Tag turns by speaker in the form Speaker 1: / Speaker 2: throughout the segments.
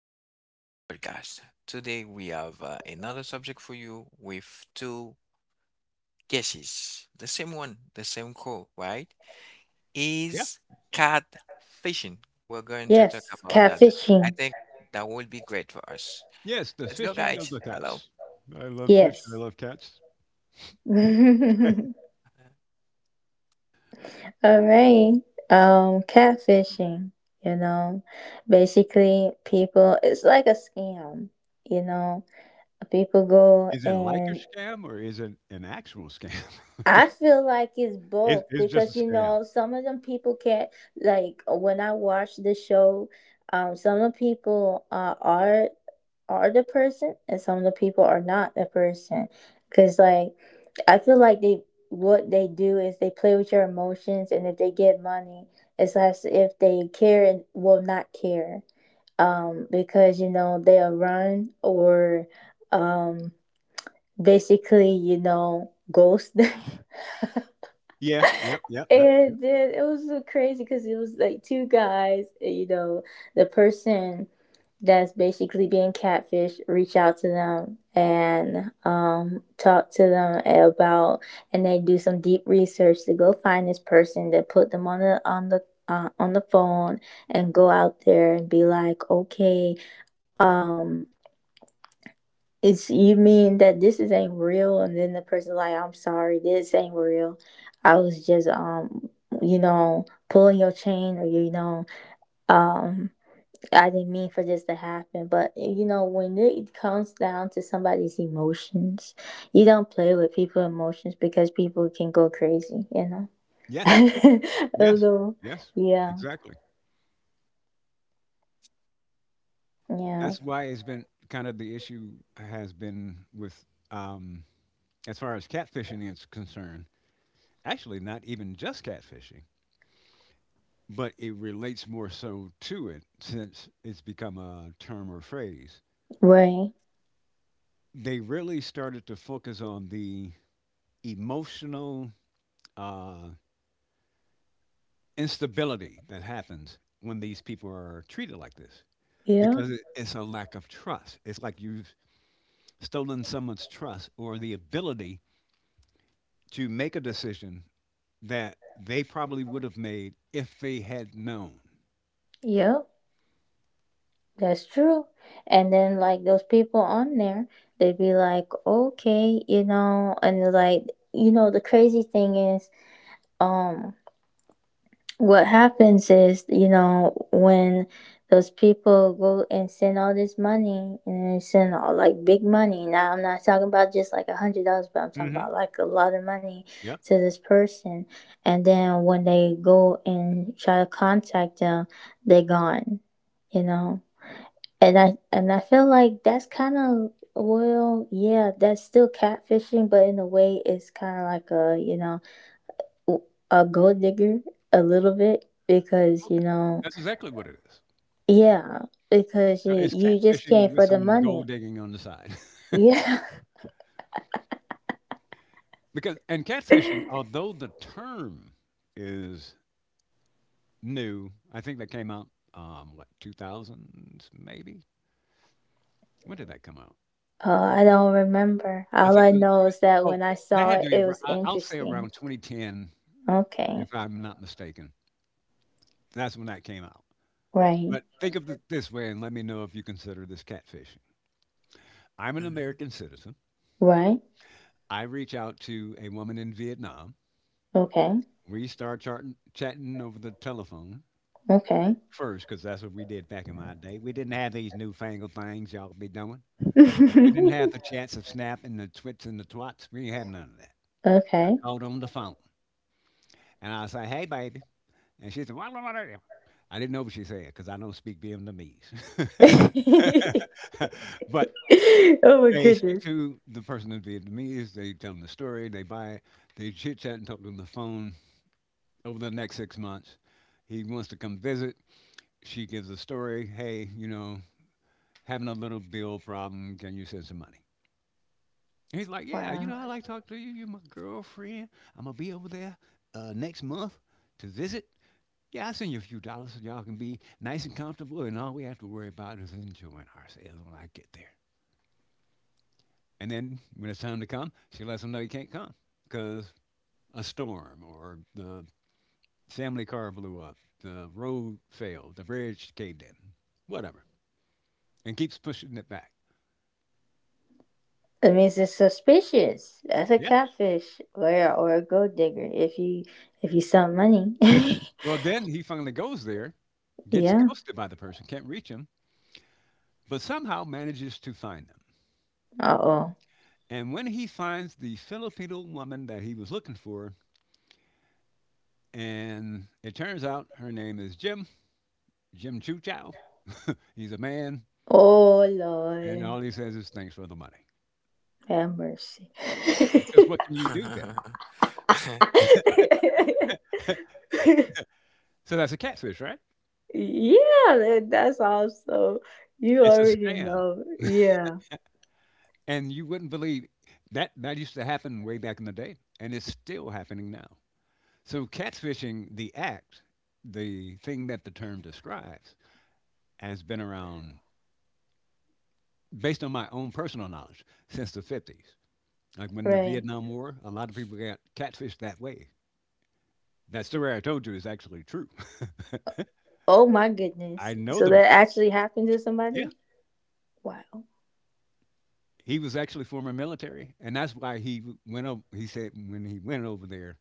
Speaker 1: to another podcast. Today we have another subject for you with two guesses. The same one, the same call, right?
Speaker 2: Yeah.
Speaker 1: Is cat fishing. We're going to talk about that today. I think that would be great for us.
Speaker 2: Yes, the
Speaker 1: Let's go,
Speaker 2: fishing of
Speaker 1: guys.
Speaker 2: the
Speaker 1: Hello.
Speaker 2: cats. I love fish and I love cats. Is it like a scam or is it an actual scam? It's just a scam. Yeah, yep, yep, yep, yep. Yes, yes, yes, exactly. That's why it's been kind of the issue has been with, um, as far as catfishing is concerned, actually, not even just catfishing, but it relates more so to it since it's become a term or phrase. They really started to focus on the emotional uh, instability that happens when these people are treated like this because it's a lack of trust. It's like you've stolen someone's trust or the ability to make a decision that they probably would have made if they had known. Hmm Yep. Well, that's exactly what it is. So it's catfishing with some gold digging on the side. Because and catfishing, although the term is new. I think that came out, what, two thousands, maybe? When did that come out? I think it was oh, that had to be arou I'll say around 2010, if I'm not mistaken. That's when that came out. But think of it this way, and let me know if you consider this catfishing. I'm an
Speaker 1: Mhm.
Speaker 2: American citizen. I reach out to a woman in Vietnam. We start charting chatting over the telephone first, because that's what we did back in my day. We didn't have these newfangled things y'all be doing. We didn't have the chance of snapping the twits and the twats. We had none of that. I called on the phone and I said, hey, baby. And she said, what, what? I didn't know what she said because I don't speak Vietnamese. But they speak to the person in Vietnamese. They tell them the story. They buy it. They chit chat and talk on the phone over the next 6 months. He wants to come visit. She gives a story. Hey, you know, having a little bill problem. Can you send some money? And he's like, yeah, you know, I like talking to you. You're my girlfriend. I'm gonna be over there next month to visit. Yeah, I'll send you a few dollars so y'all can be nice and comfortable, and all we have to worry about is enjoying ourselves when I get there. And then when it's time to come, she lets him know he can't come because a storm or the family car blew up, the road failed, the bridge caved in, whatever, and keeps pushing it back. Yeah. Well, then he finally goes there, gets ghosted by the person, can't reach him, but somehow manages to find them. And when he finds the Filipino woman that he was looking for, and it turns out her name is Jim, Jim Chu Chow. He's a man, and all he says is thanks for the money. Because what can you do then? So that's a catfish, right? It's a scam. And you wouldn't believe that that used to happen way back in the day, and it's still happening now. So catfishing, the act, the thing that the term describes, has been around based on my own personal knowledge since the 50s. Like when the Vietnam War, a lot of people got catfished that way. That story I told you is actually true. I know the man. Yeah. He was actually former military, and that's why he went over. He said when he went over there,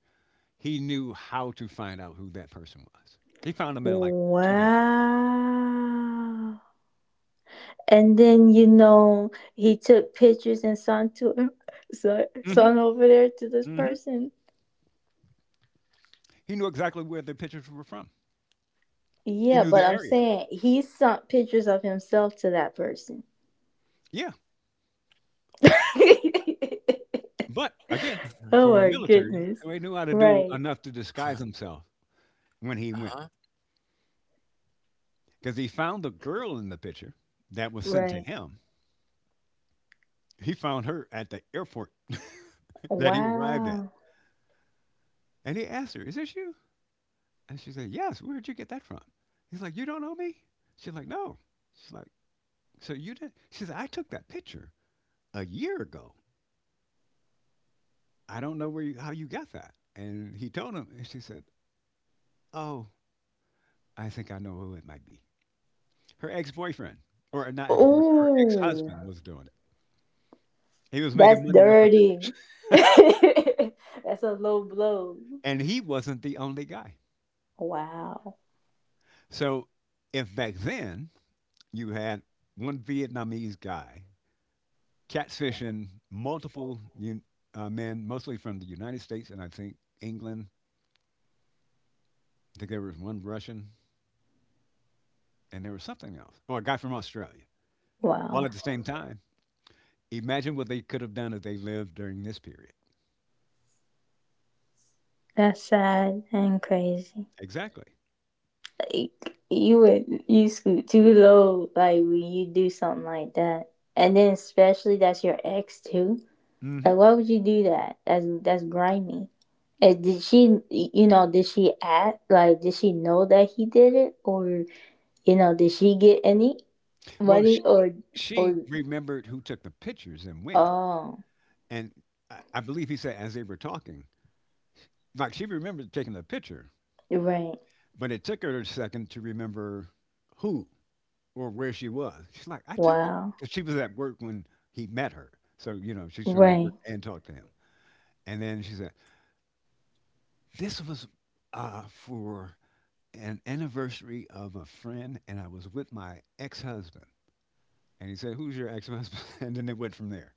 Speaker 2: he knew how to find out who that person was. He found them in like 2 days. Hmm hmm He knew exactly where the pictures were from. He knew the area. Yeah, but again,
Speaker 1: Mhm.
Speaker 2: former military, so he knew how to do enough to
Speaker 1: Uh-huh. Mm-hmm.
Speaker 2: disguise himself when he went,
Speaker 1: Uh-huh.
Speaker 2: because he found the girl in the picture that was sent to him. He found her at the airport that he arrived at. And he asked her, is this you? And she said, yes, where'd you get that from? He's like, you don't know me? She's like, no. She's like, so you did? She said, I took that picture a year ago. I don't know how you got that. And he told him, and she said, oh, I think I know who it might be. Her ex boyfriend, or not ex boyfriend, her ex husband was doing it. He was making money with her picture. And he wasn't the only guy. So if back then you had one Vietnamese guy catfishing multiple men, mostly from the United States and I think England. I think there was one Russian and there was something else, or a guy from Australia, all at the same time. Imagine what they could have done if they lived during this period. Exactly. hmm Well, she remembered who took the pictures and when. And I believe he said as they were talking, like she remembered taking the picture, but it took her a second to remember who or where she was. She's like, I took it because she was at work when he met her. So, you know, she's trying to work and talk to him. And then she said, this was for an anniversary of a friend, and I was with my ex husband. And he said, who's your ex husband? And then it went from there.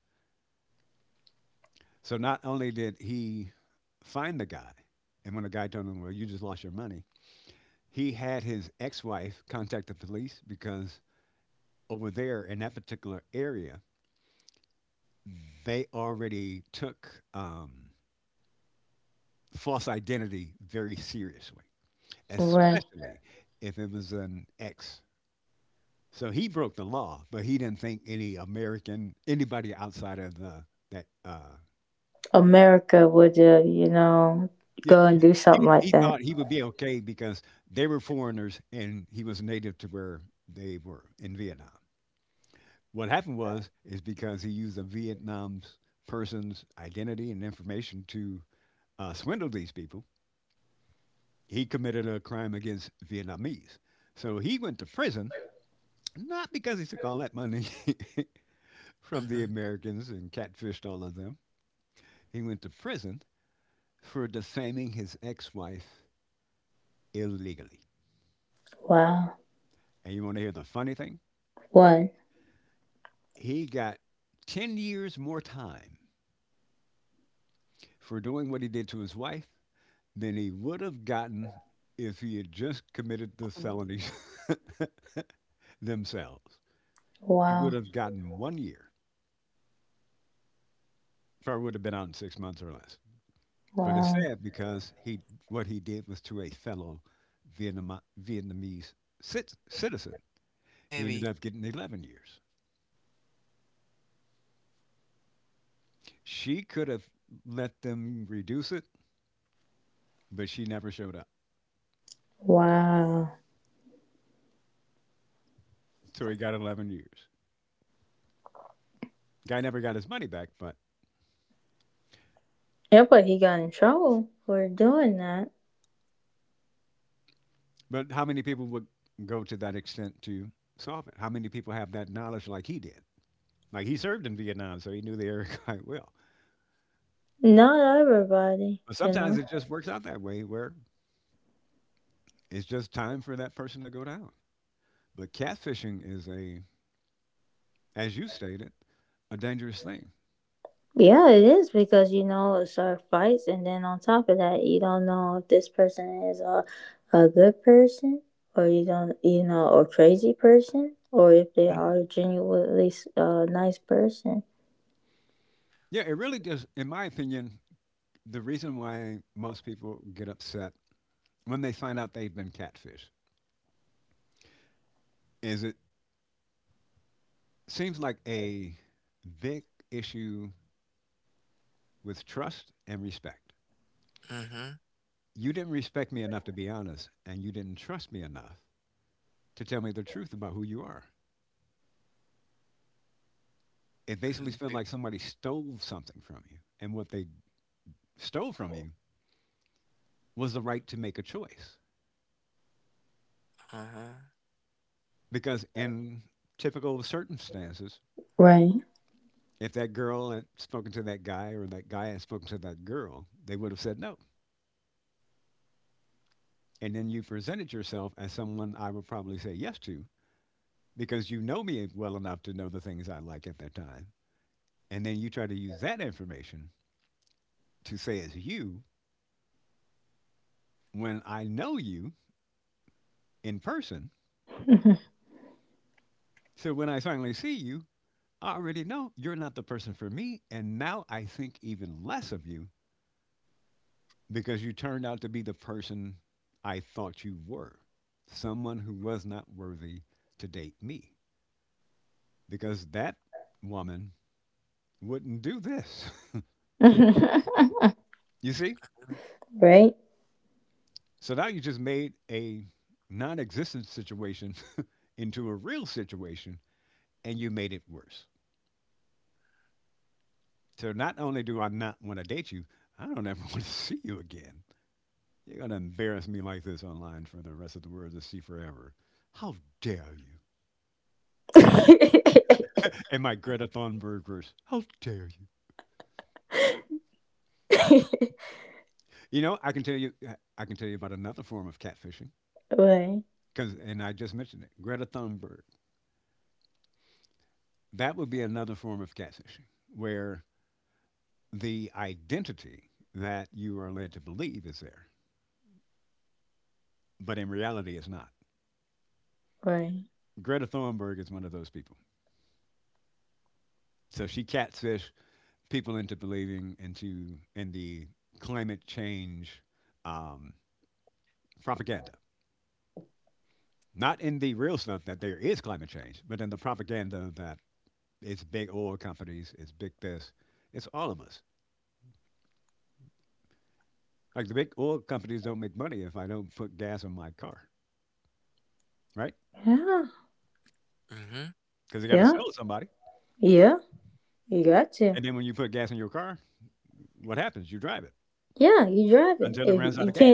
Speaker 2: So not only did he find the guy, and when the guy told him, well, you just lost your money, he had his ex wife contact the police because over there in that particular area, they already took false identity very seriously, especially if it was an ex. So he broke the law, but he didn't think any American, anybody outside of the that. Yeah, he thought he would be okay because they were foreigners and he was native to where they were in Vietnam. What happened was is because he used a Vietnam's person's identity and information to swindle these people. He committed a crime against Vietnamese. So he went to prison. Not because he took all that money from the
Speaker 1: Mhm.
Speaker 2: Americans and catfished all of them. He went to prison for defaming his ex wife illegally. And you want to hear the funny thing? He got 10 years more time for doing what he did to his wife than he would have gotten if he had just committed the felonies themselves. He would have gotten one year, probably would have been out in 6 months or less. But it's sad because he what he did was to a fellow Vietnamese citizen. He
Speaker 1: Baby.
Speaker 2: ended up getting 11 years. She could have let them reduce it, but she never showed up. So he got 11 years. Guy never got his money back, but how many people would go to that extent to solve it? How many people have that knowledge like he did? Like he served in Vietnam, so he knew the area quite well. But sometimes it just works out that way where it's just time for that person to go down. But catfishing is a as you stated, a dangerous thing. Mhm. Yeah, it really does. In my opinion, the reason why most people get upset when they find out they've been catfished is it seems like a big issue with trust and respect.
Speaker 1: Mm-hmm.
Speaker 2: You didn't respect me enough to be honest, and you didn't trust me enough to tell me the truth about who you are. It basically felt like somebody stole something from you, and what they stole from you was the right to make a choice.
Speaker 1: Uh-huh.
Speaker 2: Because in typical circumstances, if that girl had spoken to that guy or that guy had spoken to that girl, they would have said no. And then you presented yourself as someone I would probably say yes to because you know me well enough to know the things I like at that time. And then you try to use that information to say it's you when I know you in person. So when I finally see you, I already know you're not the person for me. And now I think even less of you because you turned out to be the person I thought you were someone who was not worthy to date me because that woman wouldn't do this. You see? So now you just made a non existent situation into a real situation and you made it worse. So not only do I not want to date you, I don't ever want to see you again. You're going to embarrass me like this online for the rest of the world to see forever. How dare you? And my Greta Thunberg verse, how dare you? You know, I can tell you, I can tell you about another form of catfishing. Cause, and I just mentioned it, Greta Thunberg. That would be another form of catfishing, where the identity that you are led to believe is there, but in reality, it's not. Greta Thunberg is one of those people. So she catfished people into believing into in the climate change um, propaganda, not in the real stuff that there is climate change, but in the propaganda that it's big oil companies. It's big this. It's all of us. Like the big oil companies don't make money if I don't put gas in my car, right?
Speaker 1: Uh-huh.
Speaker 2: Because they got to sell to somebody. And then when you put gas in your car, what happens? You drive it until it runs out of gas.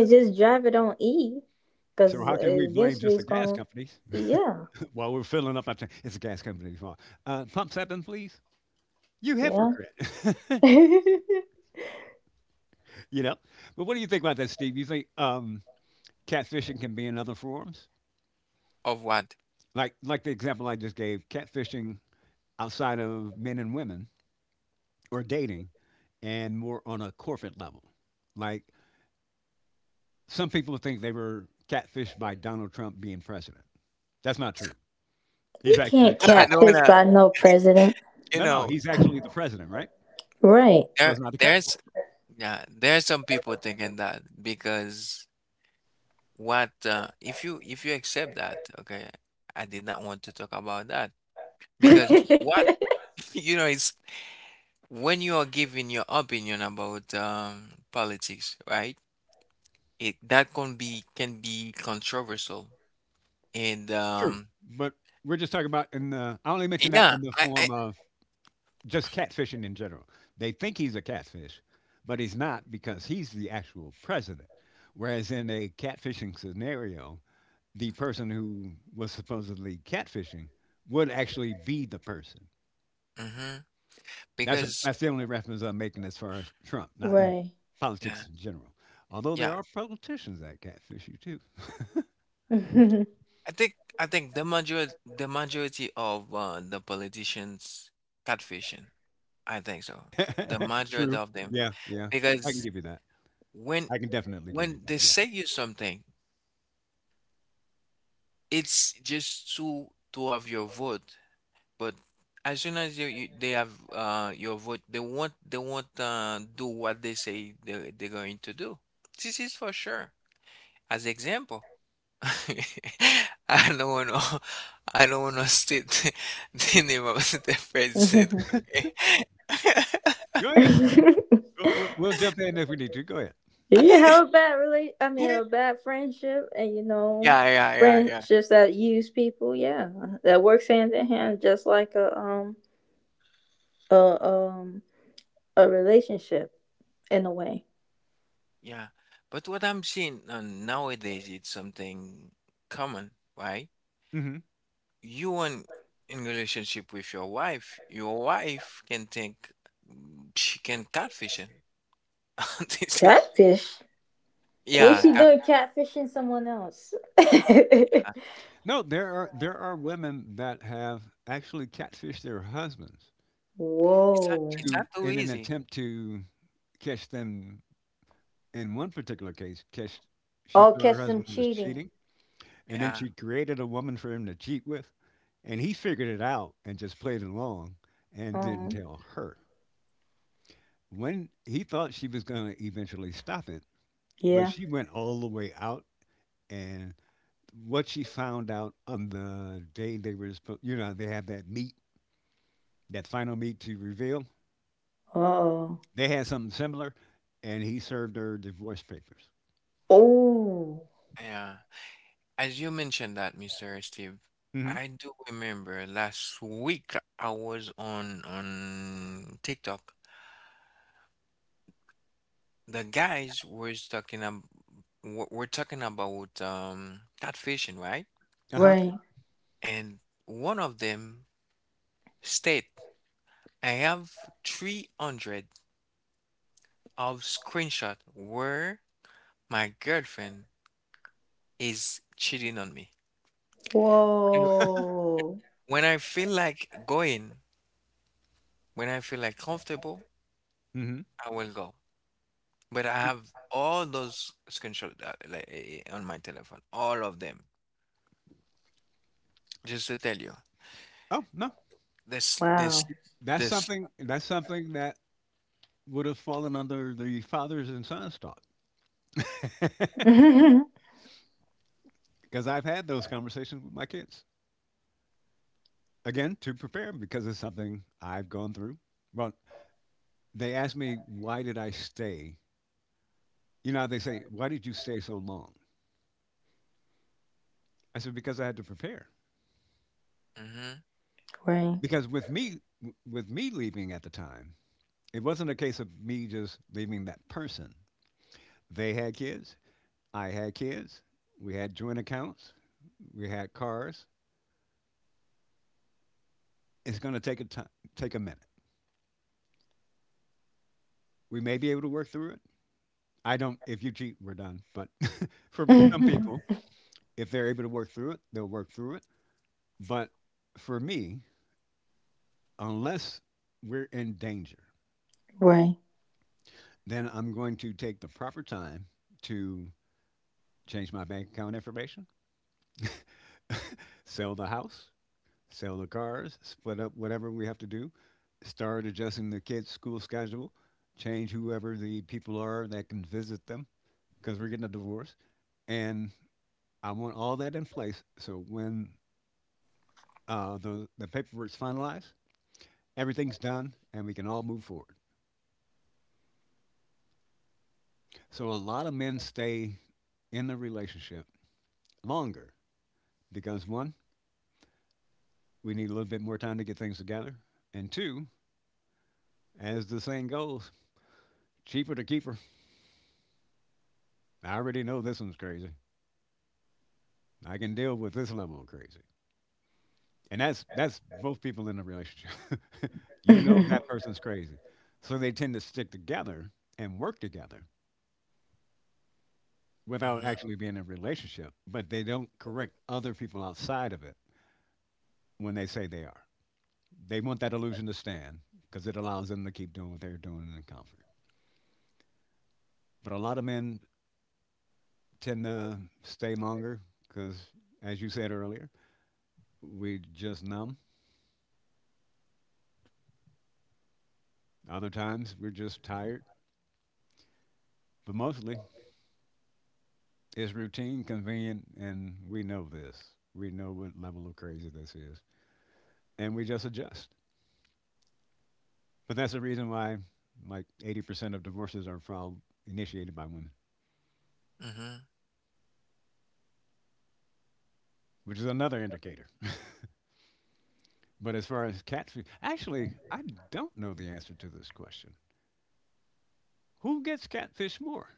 Speaker 2: So how can we blame just the gas companies while we're filling up our tank? It's the gas company's fault. Pump seven, please. You hypocrite. you know. But what do you think about that, Steve? You think catfishing can be in other forms?
Speaker 1: Of what?
Speaker 2: Like the example I just gave, catfishing outside of men and women or dating and more on a corporate level. Like some people think they were catfished by Donald Trump being president. That's not true. He's actually the
Speaker 1: I
Speaker 2: president.
Speaker 1: don't wanna, you
Speaker 2: No, no,
Speaker 1: know,
Speaker 2: he's actually the president, right? So
Speaker 1: there
Speaker 2: it's not the catfish.
Speaker 1: there's yeah, there's some people thinking that because what if you accept that, okay, I did not want to talk about that because what it's when you are giving your opinion about politics, right? It that can be controversial and
Speaker 2: True. But we're just talking about in the, I only mention that
Speaker 1: yeah,
Speaker 2: in the
Speaker 1: I
Speaker 2: form of just catfishing in general. They think he's a catfish, but he's not because he's the actual president. Whereas in a catfishing scenario, the person who was supposedly catfishing would actually be the person.
Speaker 1: mhm,
Speaker 2: That's
Speaker 1: because
Speaker 2: that's the only reference I'm making as far as Trump, not in
Speaker 1: yeah.
Speaker 2: politics in general. Although there
Speaker 1: Yeah,
Speaker 2: are politicians that catfish you
Speaker 1: I think the major the majority of the politicians catfishing. I think so.
Speaker 2: too.
Speaker 1: The majority
Speaker 2: True.
Speaker 1: of them
Speaker 2: Yeah, yeah. I can
Speaker 1: because
Speaker 2: give you that.
Speaker 1: when
Speaker 2: I can definitely give you
Speaker 1: when
Speaker 2: that.
Speaker 1: they
Speaker 2: Yeah.
Speaker 1: say you something, it's just to have your vote. But as soon as you, you they have your vote, they won't do what they say they're going to do. This is for sure. As example. I don't wanna. I don't wanna still think about the president, okay?
Speaker 2: Go ahead. We'll jump in if we need to. Go ahead.
Speaker 1: Yeah, yeah, yeah, yeah, yeah. But what I'm seeing nowadays, it's something common, right?
Speaker 2: Hmm.
Speaker 1: You want in relationship with your wife can think, she can catfish him. This is- yeah, cat.
Speaker 2: No, there are women that have actually catfished their husbands
Speaker 1: It's not. It's not
Speaker 2: to
Speaker 1: too
Speaker 2: in an
Speaker 1: easy.
Speaker 2: attempt to catch them. In one particular case, catch she thought her husband was cheating. And then
Speaker 1: Yeah,
Speaker 2: she created a woman for him to cheat with, and he figured it out and just played along and didn't tell her. When he thought she was going to eventually stop it, but she went all the way out and what she found out on the day they were supposed, they have that meet, that final meet to reveal. They had something similar, and he served her divorce papers.
Speaker 1: yeah. As you mentioned that, Mr. Steve,
Speaker 2: Hmm.
Speaker 1: I do remember last week I was on TikTok. The guys was talking ab w- were talking about catfishing, right?
Speaker 2: Uh huh.
Speaker 1: And one of them state, I have 300 of screenshot where my girlfriend is cheating on me. You know, when I feel like going, when I feel like comfortable,
Speaker 2: Hmm.
Speaker 1: I will go. But I have all those screenshots, like, on my telephone, all of them. Just to tell you,
Speaker 2: Oh no,
Speaker 1: this, this,
Speaker 2: that's
Speaker 1: this.
Speaker 2: something. That's something that would have fallen under the fathers and sons talk, because I've had those conversations with my kids again to prepare because it's something I've gone through. Well, they asked me why did I stay. You know, they say why did you stay so long? I said because I had to prepare.
Speaker 1: Mm-hmm,
Speaker 2: Because with me, with me leaving at the time, it wasn't a case of me just leaving that person. They had kids. I had kids. We had joint accounts. We had cars. It's going to take a time, take a minute. We may be able to work through it. I don't. If you cheat, we're done. But for some people, if they're able to work through it, they'll work through it. But for me, unless we're in danger, then I'm going to take the proper time to change my bank account information, sell the house, sell the cars, split up whatever we have to do, start adjusting the kids' school schedule, change whoever the people are that can visit them because we're getting a divorce. And I want all that in place so when the paperwork's finalized, everything's done and we can all move forward. So a lot of men stay in the relationship longer because one, we need a little bit more time to get things together, and two, as the saying goes, cheaper to keep her. I already know this one's crazy. I can deal with this level of crazy. And that's both people in a relationship. That person's crazy. So they tend to stick together and work together without
Speaker 1: mm-hmm,
Speaker 2: actually being in a relationship, but they don't correct other people outside of it when they say they are. They want that illusion to stand because it allows them to keep doing what they're doing in comfort. But a lot of men tend to stay longer because, as you said earlier, we just numb. Other times we're just tired. But mostly it's routine, convenient, and we know this. We know what level of crazy this is. And we just adjust. But that's the reason why like 80% of divorces are from initiated by women,
Speaker 1: mm-hmm.
Speaker 2: which is another indicator. But as far as catfish, actually, I don't know the answer to this question. Who gets catfish more,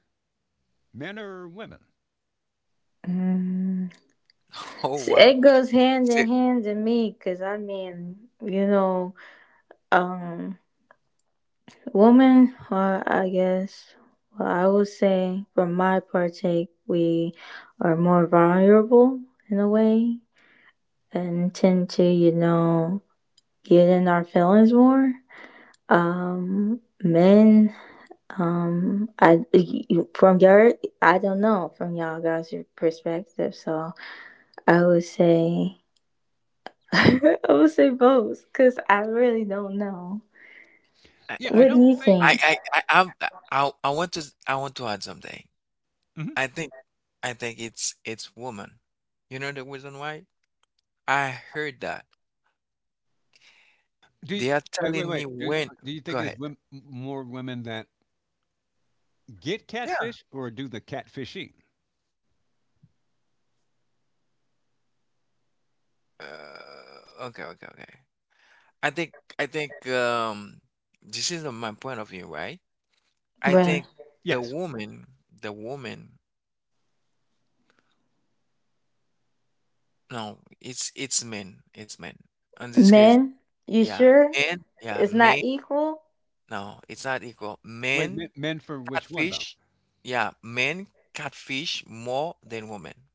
Speaker 2: men or women?
Speaker 1: Oh wow! See, I,
Speaker 2: Yeah, I don't think.
Speaker 1: I want to add something.
Speaker 2: Mhm.
Speaker 1: I think, I think, it's woman. You know the reason why? I heard that
Speaker 2: Do you,
Speaker 1: they are
Speaker 2: wait, wait,
Speaker 1: telling me
Speaker 2: wait. Do
Speaker 1: when.
Speaker 2: do you
Speaker 1: Go
Speaker 2: think it's
Speaker 1: ahead.
Speaker 2: more women that get
Speaker 1: Yeah.
Speaker 2: catfish or do the catfishing?
Speaker 1: Okay, okay, okay. I think, I think, this is my point of view, right? I think the
Speaker 2: Yes.
Speaker 1: woman, the woman, no, it's men, it's men. In this case, yeah, men, yeah, men. No, it's not equal.
Speaker 2: Wait, men,
Speaker 1: Men
Speaker 2: men for which one though?
Speaker 1: catfish, yeah, men catfish more than women.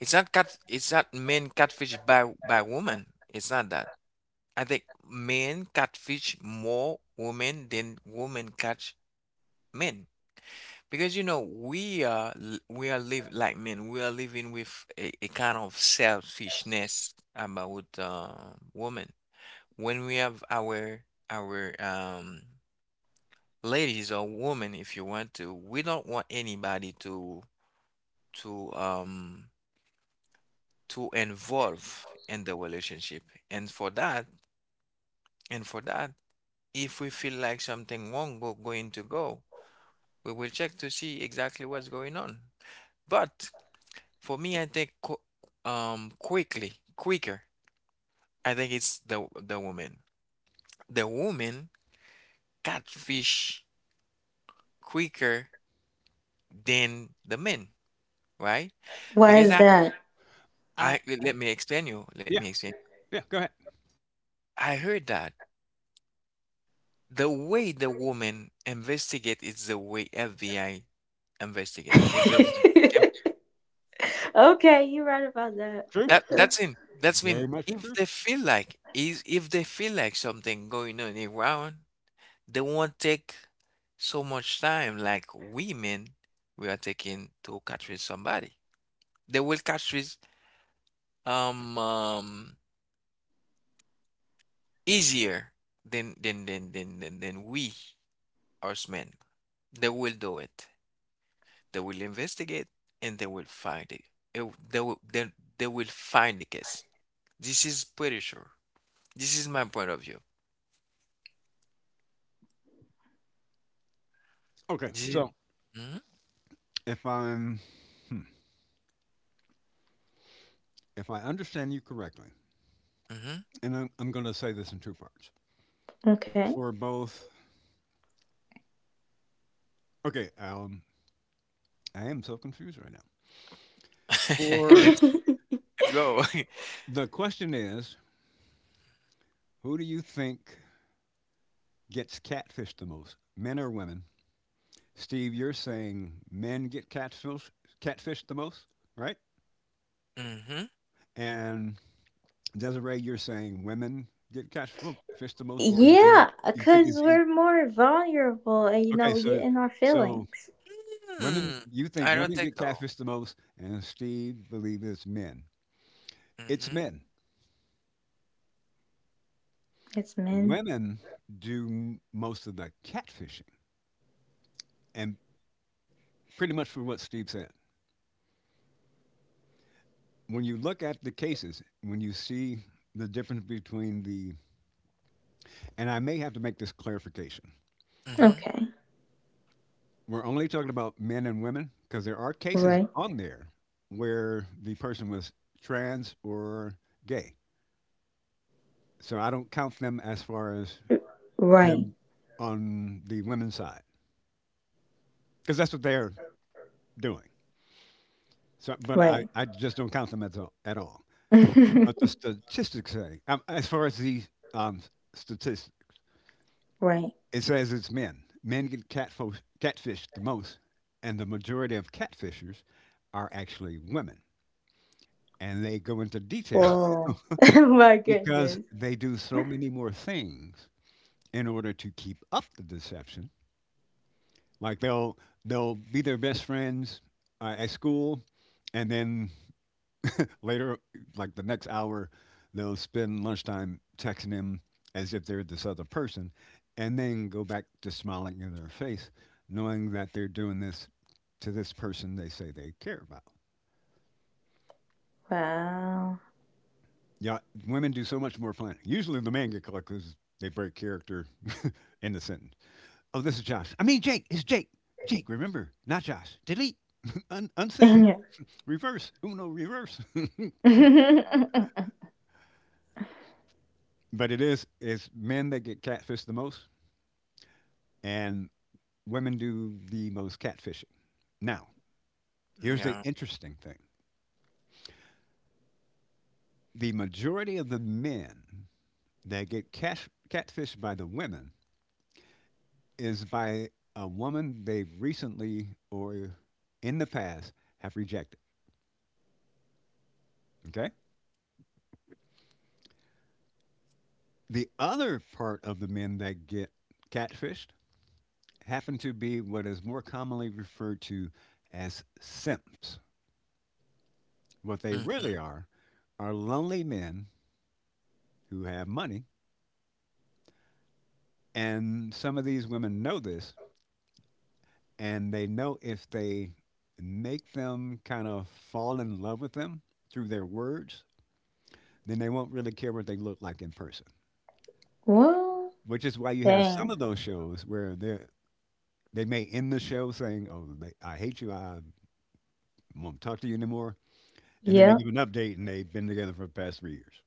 Speaker 1: It's not cat. It's not men catfish by woman. It's not that. I think men catfish more women than women catch men. Because you know we are we are live like men we are living with a kind of selfishness about women, when we have our our um ladies or women, if you want to, we don't want anybody to um to involve in the relationship, and for that and for that if we feel like something wrong going to go, we will check to see exactly what's going on, but for me, I think qu quickly, quicker. I think it's the woman. The woman catfish quicker than the men, right? Because
Speaker 2: I
Speaker 1: I let me explain you. Let
Speaker 2: Yeah,
Speaker 1: me explain.
Speaker 2: yeah. Go ahead.
Speaker 1: I heard that the way the woman investigate is the way FBI investigate. Is the um,
Speaker 2: True,
Speaker 1: that that's in that's
Speaker 2: very
Speaker 1: when
Speaker 2: much
Speaker 1: if
Speaker 2: true.
Speaker 1: they feel like is if they feel like something going on around. They won't take so much time like women we are taking to catch with somebody. They will catch with um, um easier than we us men. They will do it. They will investigate and they will find it. It They will then they will find the case. This is pretty sure. This is my point of view.
Speaker 2: Okay,
Speaker 1: This is
Speaker 2: so
Speaker 1: hmm
Speaker 2: if I'm, hmm, if I understand you correctly,
Speaker 1: hmm
Speaker 2: and I'm going to say this in two parts for both. Okay, I am so confused right now. For
Speaker 1: let's let's go.
Speaker 2: The question is, who do you think gets catfished the most, men or women? Steve, you're saying men catfished the most, right?
Speaker 1: hmm
Speaker 2: And Desiree, you're saying women get catfished the most, or you're not? You think it's equal? Okay, so women, you think
Speaker 1: I don't
Speaker 2: women
Speaker 1: think
Speaker 2: get
Speaker 1: so.
Speaker 2: catfished the most, and Steve believes it's men. It's
Speaker 1: Mhm,
Speaker 2: men. Women do most of the catfishing, and pretty much for what Steve said. When you look at the cases, when you see the difference between the and I may have to make this clarification.
Speaker 1: mhm,
Speaker 2: We're only talking about men and women because there are cases on there where the person was trans or gay. So I don't count them as far as them on the women's side because that's what they're doing. So, but I just don't count them at all. At all. But the statistics say, as far as the um, statistics, it says it's men. Men get catfished the most, and the majority of catfishers are actually women, and they go into detail because they do so many more things in order to keep up the deception. Like they'll be their best friends at school, and then later, like the next hour, they'll spend lunchtime texting him as if they're this other person, and then go back to smiling in their face, knowing that they're doing this to this person they say they care about. Yeah, women do so much more planning. Usually, the man get caught because they break character in the sentence. Oh, this is Josh. I mean, Jake. It's Jake. Jake, remember, not Josh. Delete, unsend, reverse, uno, reverse. But it is, it's men that get catfished the most, and women do the most catfishing. Now, here's the
Speaker 1: yeah,
Speaker 2: interesting thing, the majority of the men that catfished by the women is by a woman they've recently or in the past have rejected. Okay? The other part of the men that get catfished happen to be what is more commonly referred to as simps. What they
Speaker 1: mhm,
Speaker 2: really are lonely men who have money. And some of these women know this, and they know if they make them kind of fall in love with them through their words, then they won't really care what they look like in person. Which is why you have some of those shows where they may end the show saying, "Oh, they, I hate you. I won't talk to you anymore," and then they give an update and they've been together for the past 3 years.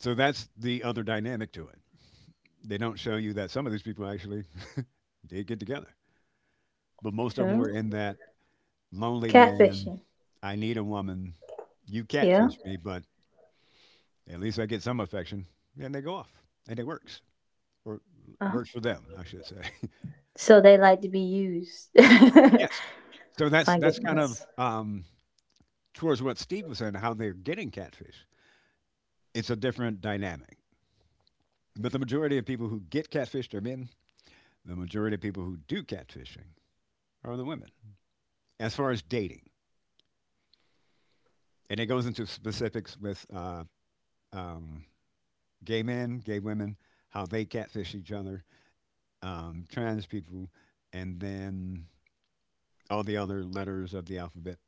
Speaker 2: So that's the other dynamic to it. They don't show you that some of these people actually did get together, but most of them were in that lonely man, I need a woman, you catfish me, but at least I get some affection. And they go off and it works or works for them, I should say. Yes. So that's kind of towards what Steve was saying, how they're getting catfish. It's a different dynamic. But the majority of people who get catfished are men. The majority of people who do catfishing are the women. As far as dating, and it goes into specifics with um, gay men, gay women, how they catfish each other, trans people, and then all the other letters of the alphabet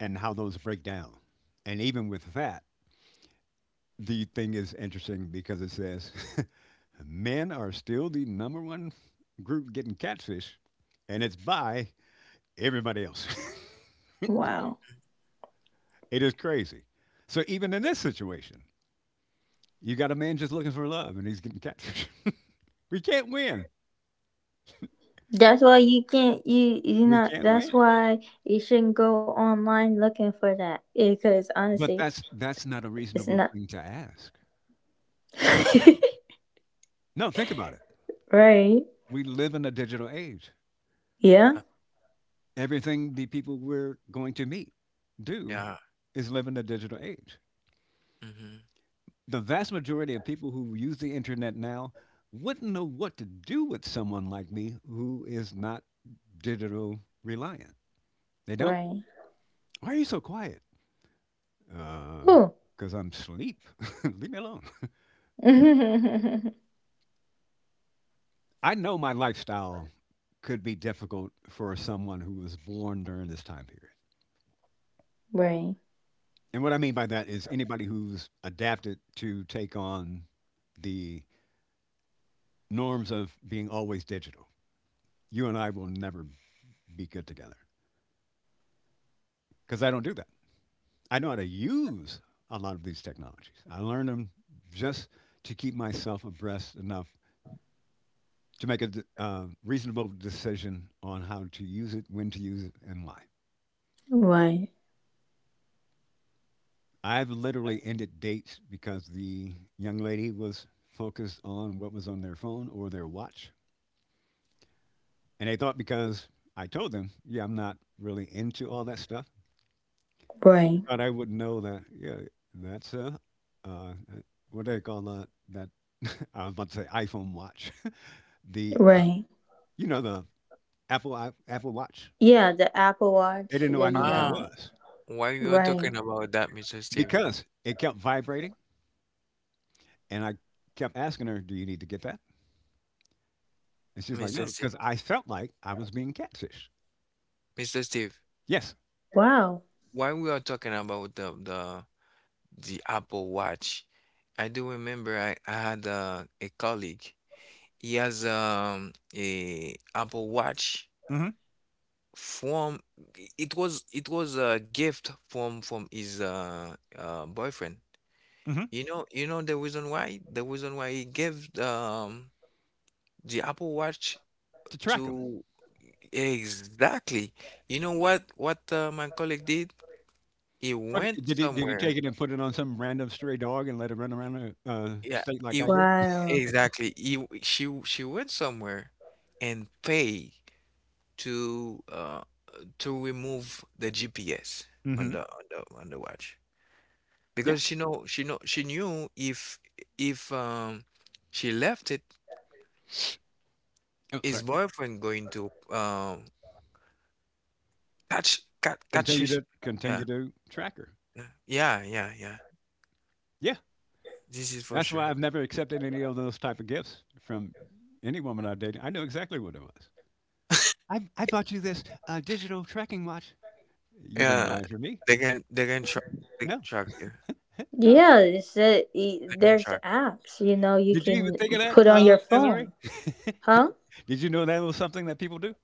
Speaker 2: and how those break down. And even with that, the thing is interesting because it says men are still the number one group getting catfish, and it's by everybody else. It is crazy. So even in this situation, you got a man just looking for love and he's getting catfish. We can't win. We can't win. But that's not a reasonable thing to ask. No, think about it. We live in a digital age.
Speaker 1: uh,
Speaker 2: Everything the people we're going to meet do
Speaker 1: yeah,
Speaker 2: is live in a digital age.
Speaker 1: mhm.
Speaker 2: The vast majority of people who use the internet now wouldn't know what to do with someone like me who is not digital reliant. They don't. Why are you so quiet? Because I'm asleep. Leave me alone. I know my lifestyle could be difficult for someone who was born during this time period. And what I mean by that is anybody who's adapted to take on the norms of being always digital. You and I will never be good together because I don't do that. I know how to use a lot of these technologies. I learned them just to keep myself abreast enough to make a reasonable decision on how to use it, when to use it, and why. I've literally ended dates because the young lady was focused on what was on their phone or their watch. And they thought because I told them, yeah, I'm not really into all that stuff, they thought I would know that, yeah, that's a, uh, that- what do they call that? That I was about to say iPhone watch. The, uh, the Apple watch. They didn't know I knew what that
Speaker 1: Ah,
Speaker 2: was
Speaker 1: while we are talking about that, Mr. Steve,
Speaker 2: because it kept vibrating. And I kept asking her, do you need to get that? And she's like,
Speaker 1: Mr.
Speaker 2: no,
Speaker 1: Steve,
Speaker 2: because I felt like I was being catfished.
Speaker 1: Mr. Steve,
Speaker 2: Yes.
Speaker 1: while we are talking about the Apple Watch, I do remember I had a colleague. He has a Apple Watch
Speaker 2: Mhm,
Speaker 1: from it was a gift from his boyfriend.
Speaker 2: mhm,
Speaker 1: You know the reason why? The reason why he gave the Apple Watch
Speaker 2: to
Speaker 1: to
Speaker 2: track 'em.
Speaker 1: exactly. You know what my colleague did? He
Speaker 2: But
Speaker 1: went
Speaker 2: did he
Speaker 1: somewhere.
Speaker 2: take it and put it on some random stray dog and let it run around the,
Speaker 1: Yeah,
Speaker 2: state
Speaker 1: he
Speaker 2: like I
Speaker 1: w-
Speaker 2: did?
Speaker 1: exactly. He w- she w- She went somewhere and pay to uh to remove the GPS on
Speaker 2: Mhm,
Speaker 1: the watch,
Speaker 2: yeah.
Speaker 1: because she know she knew if she left it,
Speaker 2: Oh,
Speaker 1: his
Speaker 2: sorry.
Speaker 1: boyfriend going to catch
Speaker 2: Continue
Speaker 1: his,
Speaker 2: to
Speaker 1: yeah,
Speaker 2: continue to track her.
Speaker 1: yeah, yeah, yeah, yeah.
Speaker 2: Yeah.
Speaker 1: This is for
Speaker 2: That's why
Speaker 1: sure.
Speaker 2: I've never accepted any of those type of gifts from any woman I've dated. I know exactly what it was. "I bought you this, digital tracking watch." "You didn't
Speaker 1: Yeah,
Speaker 2: buy it for me."
Speaker 1: they can they can track they can
Speaker 2: "No,
Speaker 1: track you.
Speaker 2: no."
Speaker 1: They can track.
Speaker 2: Did you even think of that, Desiree? Did you know that was something that people do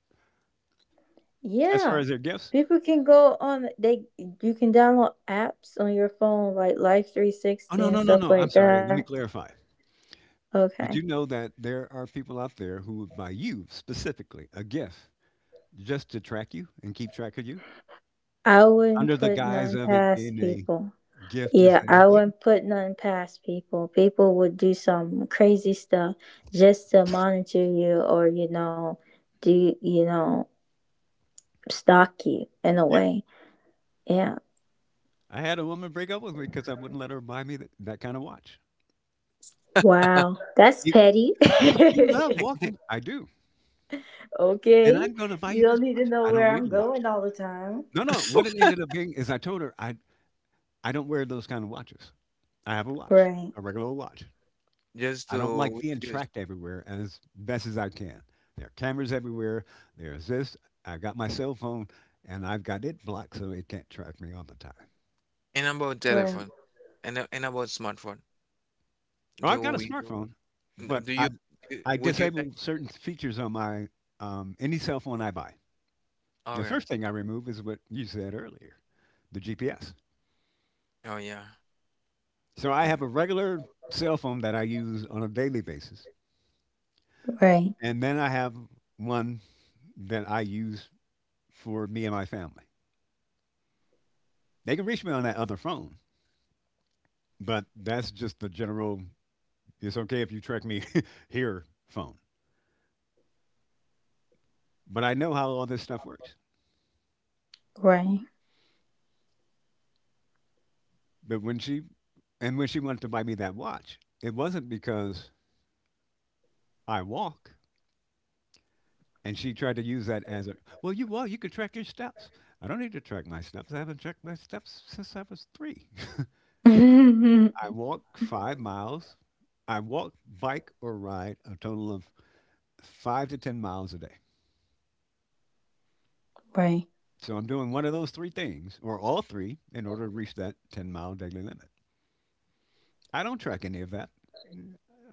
Speaker 2: as far as their gifts? "Oh, no, no, no, no. I'm sorry. Let me clarify. Did you know that there are people out there who would buy you specifically a gift just to track you and keep track of you under the guise of it being a gift to say, hey, yeah, I had a woman break up with me because I wouldn't let her buy me that kind of watch. You, you love walking. I do. And I'm going to buy you this watch. I don't need a watch. No, no. What it ended up being is I told her I don't wear those kind of watches. I have a watch, a regular old watch.
Speaker 1: Just
Speaker 2: I don't like
Speaker 1: to
Speaker 2: being
Speaker 1: refuse.
Speaker 2: tracked everywhere as best as I can. There are cameras everywhere. There's this. I've got my cell phone and I've got it blocked so it can't track me all the time.
Speaker 1: And about telephone, and about smartphone.
Speaker 2: Well,
Speaker 1: Do
Speaker 2: I've got a
Speaker 1: we do
Speaker 2: smartphone,
Speaker 1: no,
Speaker 2: but
Speaker 1: do you
Speaker 2: I
Speaker 1: would you like?
Speaker 2: disable certain features on my any cell phone I buy. The
Speaker 1: Okay.
Speaker 2: first thing I remove is what you said earlier, the GPS.
Speaker 1: Oh yeah,
Speaker 2: So I have
Speaker 1: yeah.
Speaker 2: a regular cell phone that I use on a daily basis, and then I have one that I use for me and my family. They can reach me on that other phone, but that's just the general, it's okay if you track me here phone. But I know how all this stuff works. But when she wanted to buy me that watch, it wasn't because I walk. And she tried to use that as a, well, you walk, you can track your steps. I don't need to track my steps. I haven't tracked my steps since I was three. I walk 5 miles. I walk, bike, or ride a total of five to 10 miles a day. So I'm doing one of those three things, or all three, in order to reach that 10-mile daily limit. I don't track any of that.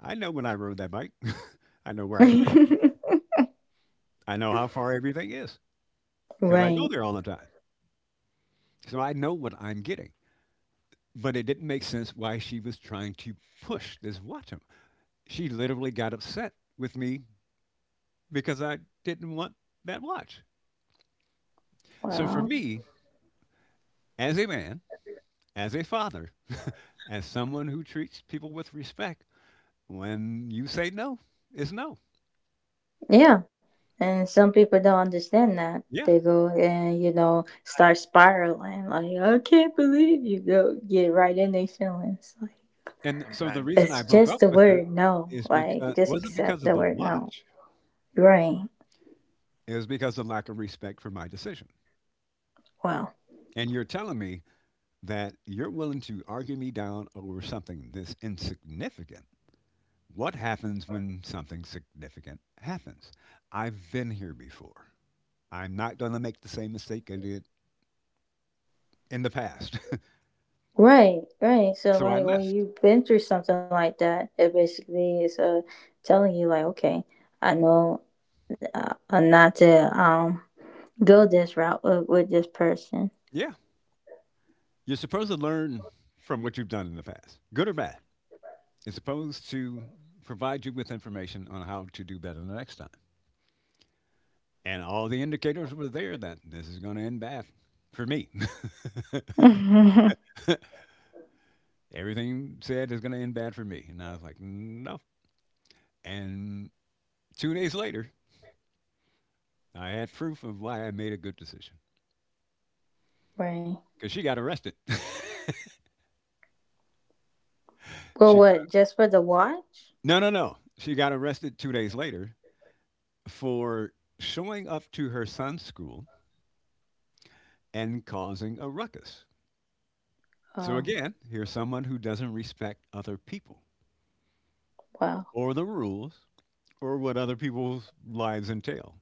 Speaker 2: I know when I rode that bike. I know where I went. I know how far everything is because I go there all the time. So I know what I'm getting. But it didn't make sense why she was trying to push this watch on me. She literally got upset with me because I didn't want that watch. So for me, as a man, as a father, as someone who treats people with respect, when you say no, it's no. Yeah. And so the
Speaker 1: Sometimes.
Speaker 2: reason I broke up with her is because wasn't because of the watch. It was because of lack of respect for my decision. And you're telling me that you're willing to argue me down over something this insignificant. What happens when something significant happens? I've been here before. I'm not going to make the same mistake I did in the past. So I left. Yeah. You're supposed to learn from what you've done in the past, good or bad, is supposed to provide you with information on how to do better the next time. And all the indicators were there that this is going to end bad for me. Everything said is going to end bad for me. And I was like, no. And 2 days later, I had proof of why I made a good decision because she got arrested. She got, no, no, no. She got arrested 2 days later for showing up to her son's school and causing a ruckus. So again, here's someone who doesn't respect other people, or the rules, or what other people's lives entail.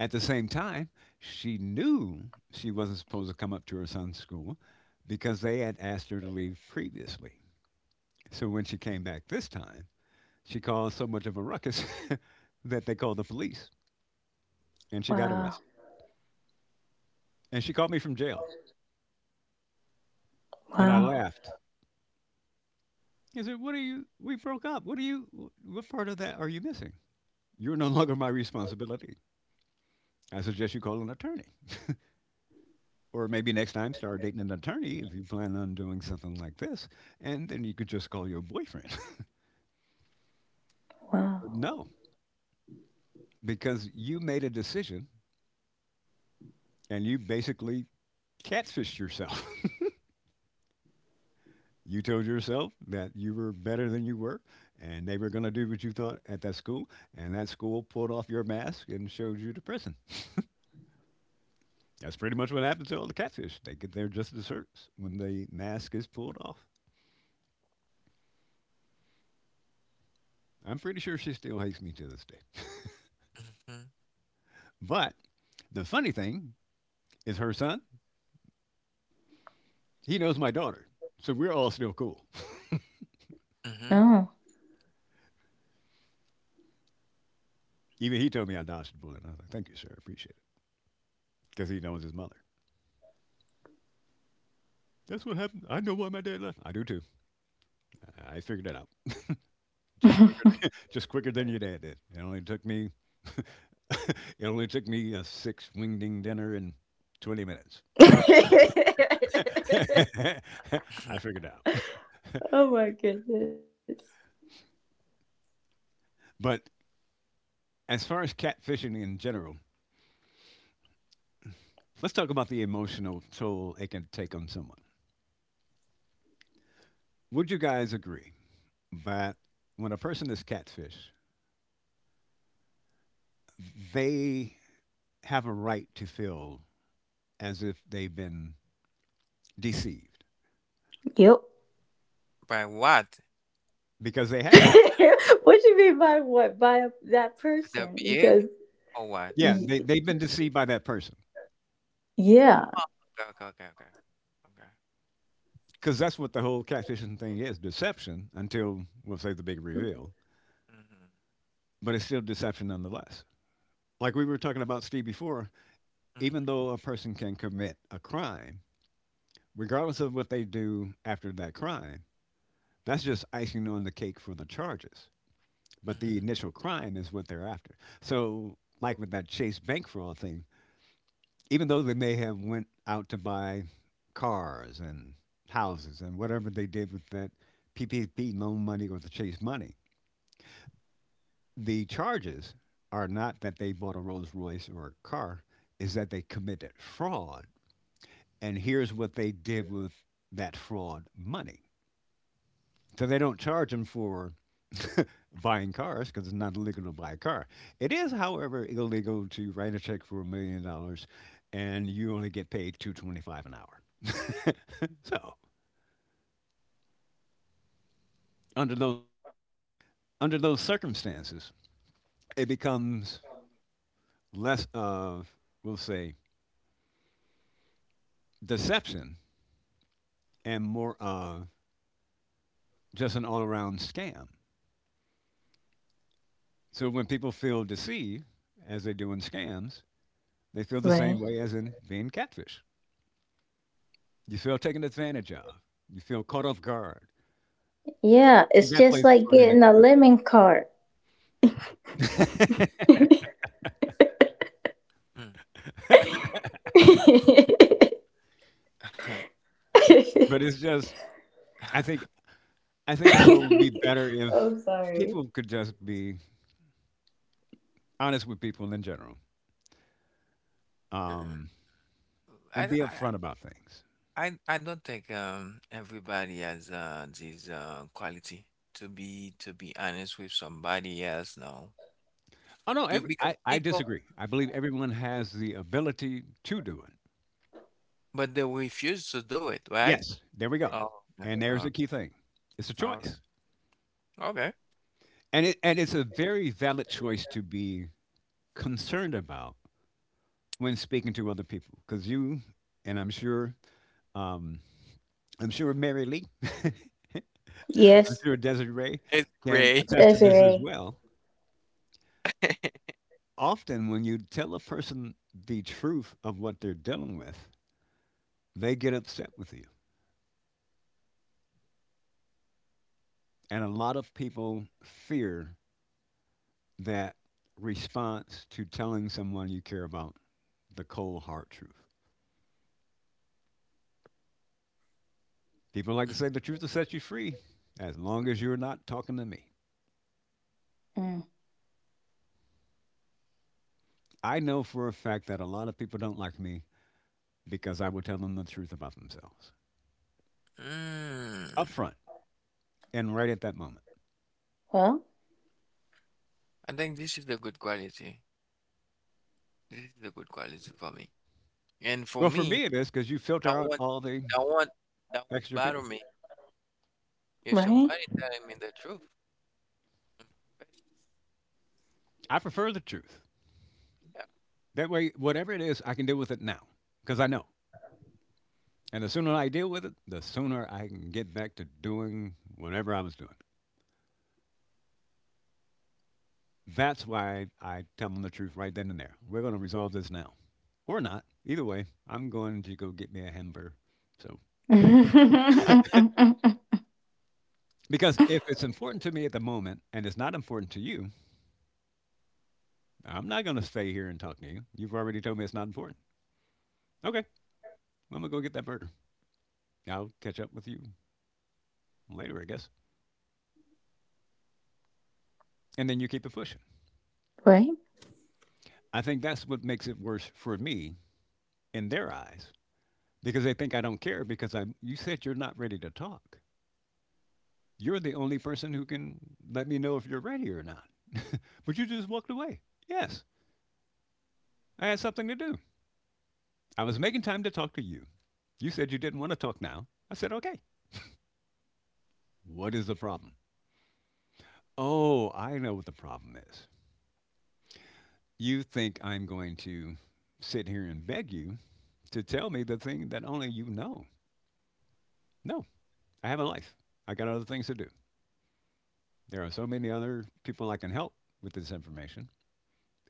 Speaker 2: At the same time, she knew she wasn't supposed to come up to her son's school because they had asked her to leave previously. So when she came back this time, she caused so much of a ruckus that they called the police and she got arrested. And she called me from jail and I laughed. I said, what are you? We broke up. What are you? What part of that are you missing? You're no longer my responsibility. I suggest you call an attorney. Or maybe next time start dating an attorney if you plan on doing something like this, and then you could just call your boyfriend. But no, because you made a decision and you basically catfished yourself. You told yourself that you were better than you were and they were going to do what you thought at that school, and that school pulled off your mask and showed you to prison. That's pretty much what happens to all the catfish. They get their just desserts when the mask is pulled off. I'm pretty sure she still hates me to this day.
Speaker 1: hmm
Speaker 2: But the funny thing is her son, he knows my daughter. So we're all still cool.
Speaker 1: hmm
Speaker 2: Even he told me I dodged a bullet. I was like, thank you, sir. Appreciate it. Because he knows his mother. That's what happened. I know why my dad left. I do too. I figured that out. Just quicker than, just quicker than your dad did. It only took me, it only took me a six wingding dinner and 20 minutes. I figured it out. But as far as catfishing in general, let's talk about the emotional toll it can take on someone. Would you guys agree that when a person is catfished, they have a right to feel as if they've been deceived
Speaker 1: By what?
Speaker 2: because they have.
Speaker 1: The behavior or what?
Speaker 2: Yeah, they, they've been deceived by that person
Speaker 1: Oh, okay, okay, okay, okay. Okay.
Speaker 2: because that's what the whole catfishing thing is, deception until, we'll say, the big reveal,
Speaker 1: Mm-hmm.
Speaker 2: but it's still deception nonetheless. Like we were talking about Steve before, even though a person can commit a crime, regardless of what they do after that crime, that's just icing on the cake for the charges. But the
Speaker 1: Mm-hmm.
Speaker 2: initial crime is what they're after. So, like with that Chase bank fraud thing, even though they may have went out to buy cars and houses and whatever they did with that PPP loan money or the Chase money, the charges are not that they bought a Rolls Royce or a car, is that they committed fraud. And here's what they did with that fraud money. So they don't charge them for buying cars because it's not illegal to buy a car. It is, however, illegal to write a check for $1 million and you only get paid 2.25 an hour. So under those under those circumstances, it becomes less of, we'll say, deception and more of just an all-around scam. So when people feel deceived, as they do in scams, they feel the same way as in being catfish. You feel taken advantage of. You feel caught off guard. I think that plays a part in it too.
Speaker 1: Mm-hmm. Mm.
Speaker 2: But it's just I think I think the world would be better if people could just be honest with people in general. Um,
Speaker 1: I,
Speaker 2: and be
Speaker 1: I
Speaker 2: upfront about things.
Speaker 1: I don't think everybody has this quality to be honest with somebody else now.
Speaker 2: Oh no, every,
Speaker 1: Because
Speaker 2: I, I
Speaker 1: people
Speaker 2: disagree. I believe everyone has the ability to do it.
Speaker 1: but they refuse to do it, right?
Speaker 2: Yes, there we go.
Speaker 1: Oh, yeah,
Speaker 2: And there's
Speaker 1: oh,
Speaker 2: the key thing. It's a
Speaker 1: oh,
Speaker 2: choice.
Speaker 1: okay.
Speaker 2: And it's a very valid choice to be concerned about when speaking to other people. Because you and Um, I'm sure Mary Lee, I'm sure Desiree
Speaker 1: It's
Speaker 2: can
Speaker 1: great.
Speaker 2: attest to this as well. Often, when you tell a person the truth of what they're dealing with, they get upset with you. And a lot of people fear that response to telling someone you care about the cold, hard truth. People like to say the truth will set you free as long as you're not talking to me. I know for a fact that a lot of people don't like me because I will tell them the truth about themselves up
Speaker 1: Mm,
Speaker 2: front and right at that moment.
Speaker 1: I think this is the good quality. This is the good quality for me. And for
Speaker 2: Well, for
Speaker 1: me,
Speaker 2: me, it is because you filter
Speaker 1: that
Speaker 2: out
Speaker 1: won't
Speaker 2: all the
Speaker 1: that won't that won't
Speaker 2: extra
Speaker 1: bother
Speaker 2: people.
Speaker 1: me if somebody telling me the truth in my face.
Speaker 2: I prefer the truth.
Speaker 1: Yeah.
Speaker 2: That way, whatever it is, I can deal with it now because I know. And the sooner I deal with it, the sooner I can get back to doing whatever I was doing. That's why I tell them the truth right then and there. We're going to resolve this now or not. Either way, I'm going to go get me a hamburger. So, because if it's important to me at the moment and it's not important to you, I'm not going to stay here and talk to you. You've already told me it's not important. Okay, I'm going to go get that burger. I'll catch up with you later, I guess. And then you keep it pushing. I think that's what makes it worse for me in their eyes because they think I don't care because I you said you're not ready to talk. You're the only person who can let me know if you're ready or not. But you just walked away. Yes, I had something to do. I was making time to talk to you. You said you didn't want to talk now. I said, okay. What is the problem? Oh, I know what the problem is. You think I'm going to sit here and beg you to tell me the thing that only you know. No, I have a life. I got other things to do. There are so many other people I can help with this information.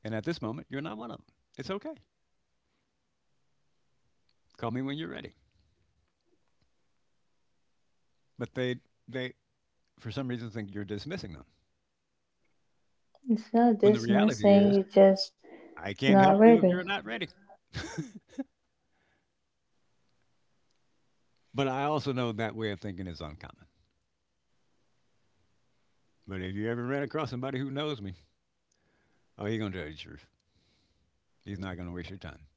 Speaker 2: And at this moment, you're not one of them. It's okay. Call me when you're ready. But they, for some reason, think you're dismissing them. When the reality is, I can't help you if you're not ready. But I also know that way of thinking is uncommon. But if you ever ran across somebody who knows me, oh, he's going to tell you the truth. He's not going to waste your time.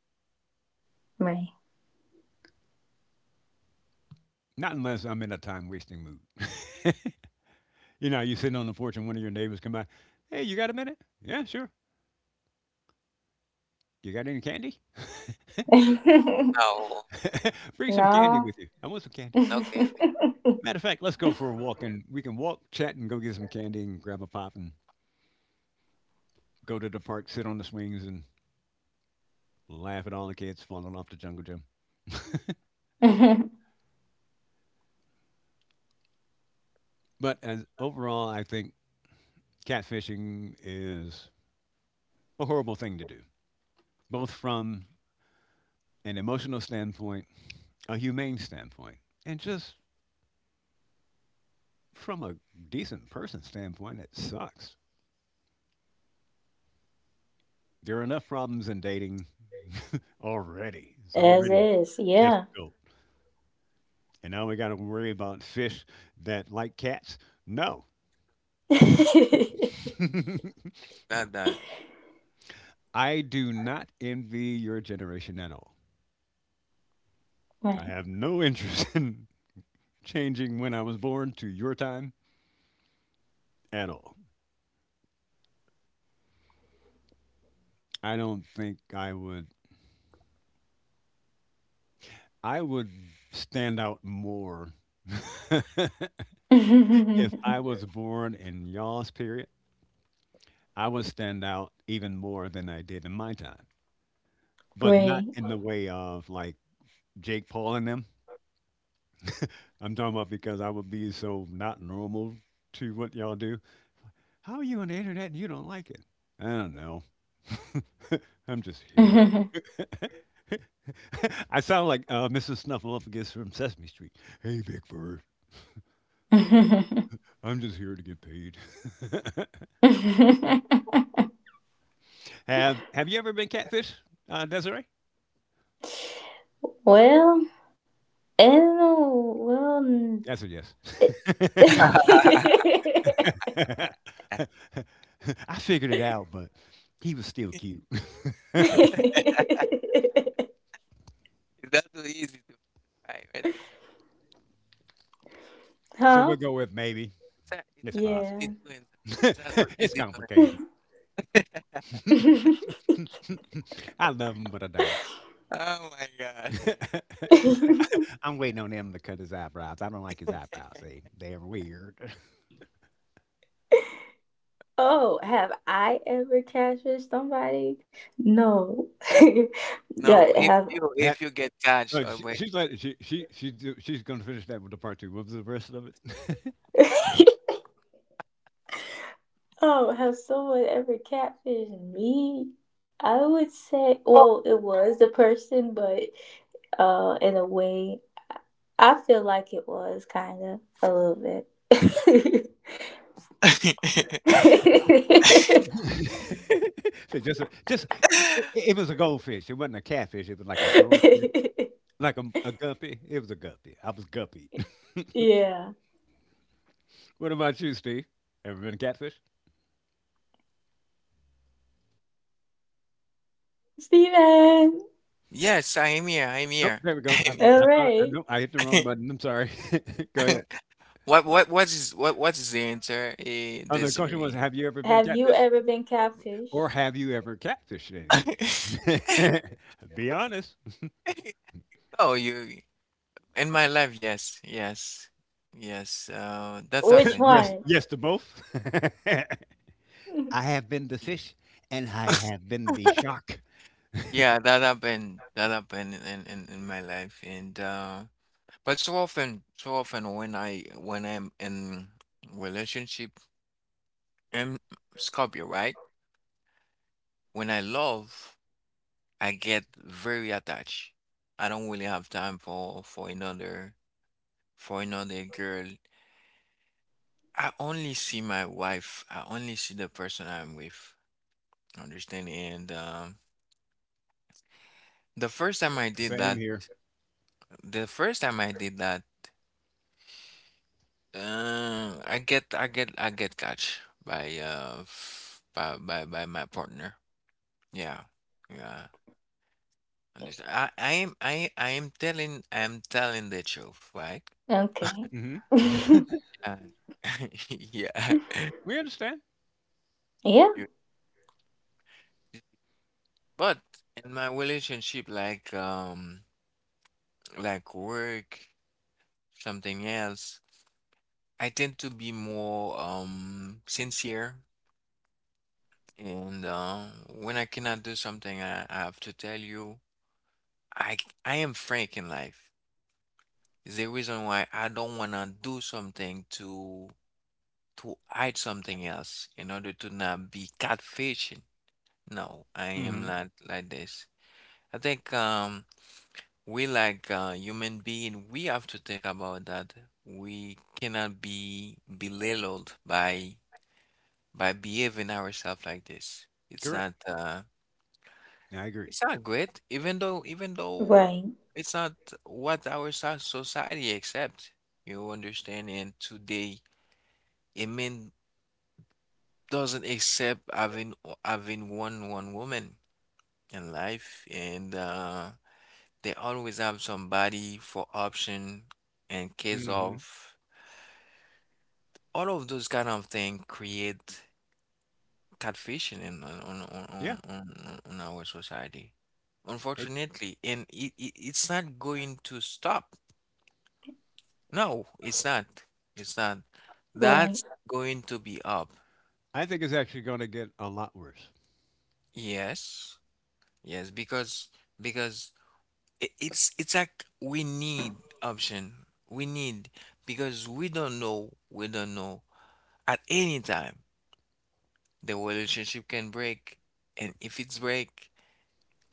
Speaker 2: Not unless I'm in a time wasting mood. You know, you sitting on the porch and one of your neighbors come by, hey, you got a minute? Yeah, sure. You got any candy?
Speaker 1: No,
Speaker 2: Bring some candy with you. I want some candy.
Speaker 1: no, Candy,
Speaker 2: Matter of fact, let's go for a walk and we can walk, chat, and go get some candy and grab a pop and go to the park, sit on the swings and laugh at all the kids falling off the jungle gym. But as overall, I think catfishing is a horrible thing to do, both from an emotional standpoint, a humane standpoint, and just from a decent person standpoint. It sucks. There are enough problems in dating already. It's already difficult. And now we got to worry about fish that like cats? No.
Speaker 1: it's not that.
Speaker 2: I do not envy your generation at all. I have no interest in changing when I was born to your time at all. I don't think I would stand out more if I was born in y'all's period. I would stand out even more than I did in my time. But not in the way of like Jake Paul and them. I'm talking about because I would be so not normal to what y'all do. How are you on the internet and you don't like it? I don't know. I'm just here. I sound like Mrs. Snuffleupagus from Sesame Street. Hey, Big Bird. I'm just here to get paid. Have you ever been catfish, Desiree? That's a yes. I figured it out, but he was still cute.
Speaker 1: It's not so easy to find when there's a break.
Speaker 2: So we'll go with maybe.
Speaker 1: It's not, it's
Speaker 2: It's
Speaker 1: not easy
Speaker 2: possible.
Speaker 1: to answer. It's not so
Speaker 2: It's
Speaker 1: easy
Speaker 2: complicated.
Speaker 1: to answer.
Speaker 2: I love him, but I don't.
Speaker 1: Oh my God.
Speaker 2: I'm waiting on him to cut his eyebrows. I don't like his eyebrows. They're weird.
Speaker 1: No, if you
Speaker 2: That-
Speaker 1: if you get catch
Speaker 2: Uh,
Speaker 1: or
Speaker 2: she,
Speaker 1: when.
Speaker 2: she's like she do- She's gonna finish that with the part two. What was the rest of it? so just a, just it was a goldfish. It wasn't a catfish. It was like a goldfish, like a guppy. It was a guppy. I was guppy. What about you, Steve? Ever been a catfish?
Speaker 1: Yes, I am here. I'm
Speaker 2: Nope.
Speaker 1: here.
Speaker 2: There we go.
Speaker 1: I'm here.
Speaker 2: I thought I no, I hit the wrong button. I'm sorry. Go ahead.
Speaker 1: What is the answer, eh,
Speaker 2: Oh, the question was,
Speaker 1: Desiree?
Speaker 2: have you ever been catfish? Or have you ever catfished anyone? Be honest.
Speaker 1: Oh, you. In my life, yes, yes, yes. That's happened.
Speaker 2: Yes, yes to both. I have been the
Speaker 1: Y-
Speaker 2: fish and I have been the shark.
Speaker 1: Yeah, that happened. That happened in my life, and but so often when I'm in relationship, I'm Scorpio, right? When I love, I get very attached. I don't really have time for another girl. I only see my wife. I only see the person I'm with. Understand? And. The first time I did
Speaker 2: Same
Speaker 1: that,
Speaker 2: here.
Speaker 1: the first time I did that, I get catch by by my partner. Yeah, yeah. Understand? I'm telling the truth, right?
Speaker 2: Hmm.
Speaker 1: Uh, yeah.
Speaker 2: We understand.
Speaker 1: You- But in my relationship, like work, something else, I tend to be more sincere. And when I cannot do something, I have to tell you, I I am frank in life. It's the reason why I don't wanna do something to hide something else in order to not be catfishing. No, I am
Speaker 2: Hmm.
Speaker 1: not like this. I think we like human being, we have to think about that. We cannot be belittled by behaving ourselves like this.
Speaker 2: Correct. I agree.
Speaker 1: It's not good, even though it's not what our society accept. You understand? And today, a man doesn't accept having one woman in life, and they always have somebody for option in case
Speaker 2: Hmm.
Speaker 1: of, all of those kind of thing create catfishing in
Speaker 2: Yeah.
Speaker 1: on our society,
Speaker 2: It-
Speaker 1: unfortunately, and it's not going to stop. No, it's not. It's not. That's going to be up.
Speaker 2: I think it's actually going to get a lot worse.
Speaker 1: Yes. Yes, because it's like we need option. We need, because we don't know, at any time the relationship can break. And if it's break,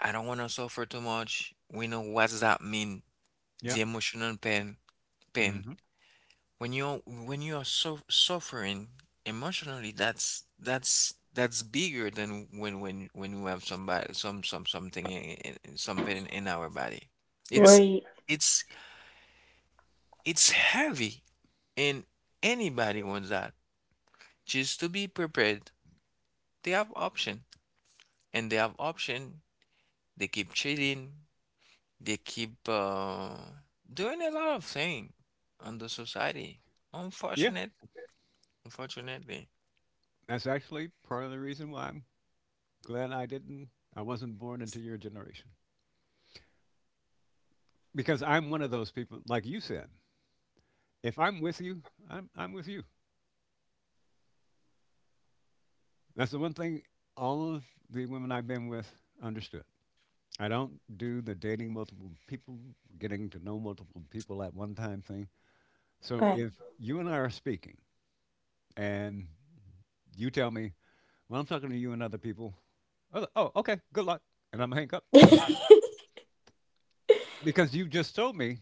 Speaker 1: I don't want to suffer too much. We know what does that mean.
Speaker 2: Yeah.
Speaker 1: The emotional pain, pain.
Speaker 2: Hmm.
Speaker 1: When you are so suffering emotionally, that's bigger than when we have somebody something some pain in our body,
Speaker 2: Yeah.
Speaker 1: it's it's it's heavy, and anybody wants that, just to be prepared they have option, and they have option they keep cheating, they keep doing a lot of thing on the society,
Speaker 2: Yeah.
Speaker 1: unfortunate unfortunately,
Speaker 2: That's actually part of the reason why I'm glad I wasn't born into your generation. Because I'm one of those people, like you said, if I'm with you, I'm with you. That's the one thing all of the women I've been with understood. I don't do the dating multiple people, getting to know multiple people at one time thing. So if you and I are speaking and you tell me, well, I'm talking to you and other people, oh, okay, good luck. And I'm going to hang up because you just told me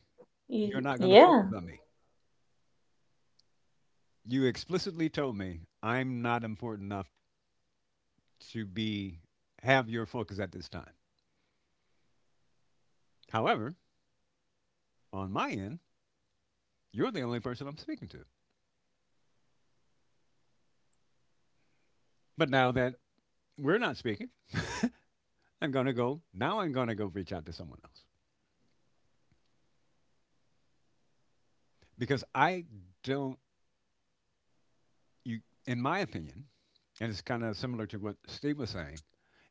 Speaker 2: you're not going to focus on me. You explicitly told me I'm not important enough to be have your focus at this time. However, on my end, you're the only person I'm speaking to. But now that we're not speaking, I'm going to go, now I'm going to go reach out to someone else because I don't, you, in my opinion, and it's kind of similar to what Steve was saying,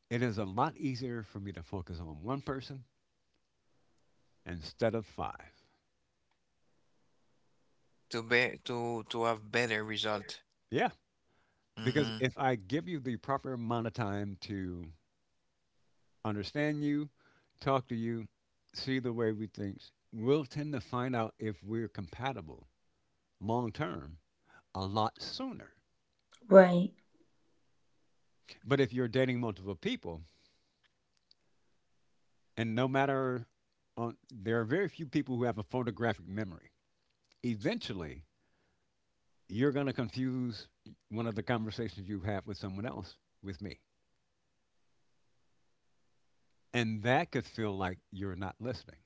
Speaker 2: it is a lot easier for me to focus on one person instead of five.
Speaker 1: to be to have better result.
Speaker 2: Yeah. Because
Speaker 1: hmm
Speaker 2: if I give you the proper amount of time to understand you, talk to you, see the way we think, we'll tend to find out if we're compatible long term a lot sooner. But if you're dating multiple people, and no matter on, there are very few people who have a photographic memory. Eventually, you're going to confuse one of the conversations you have with someone else with me, and that could feel like you're not listening.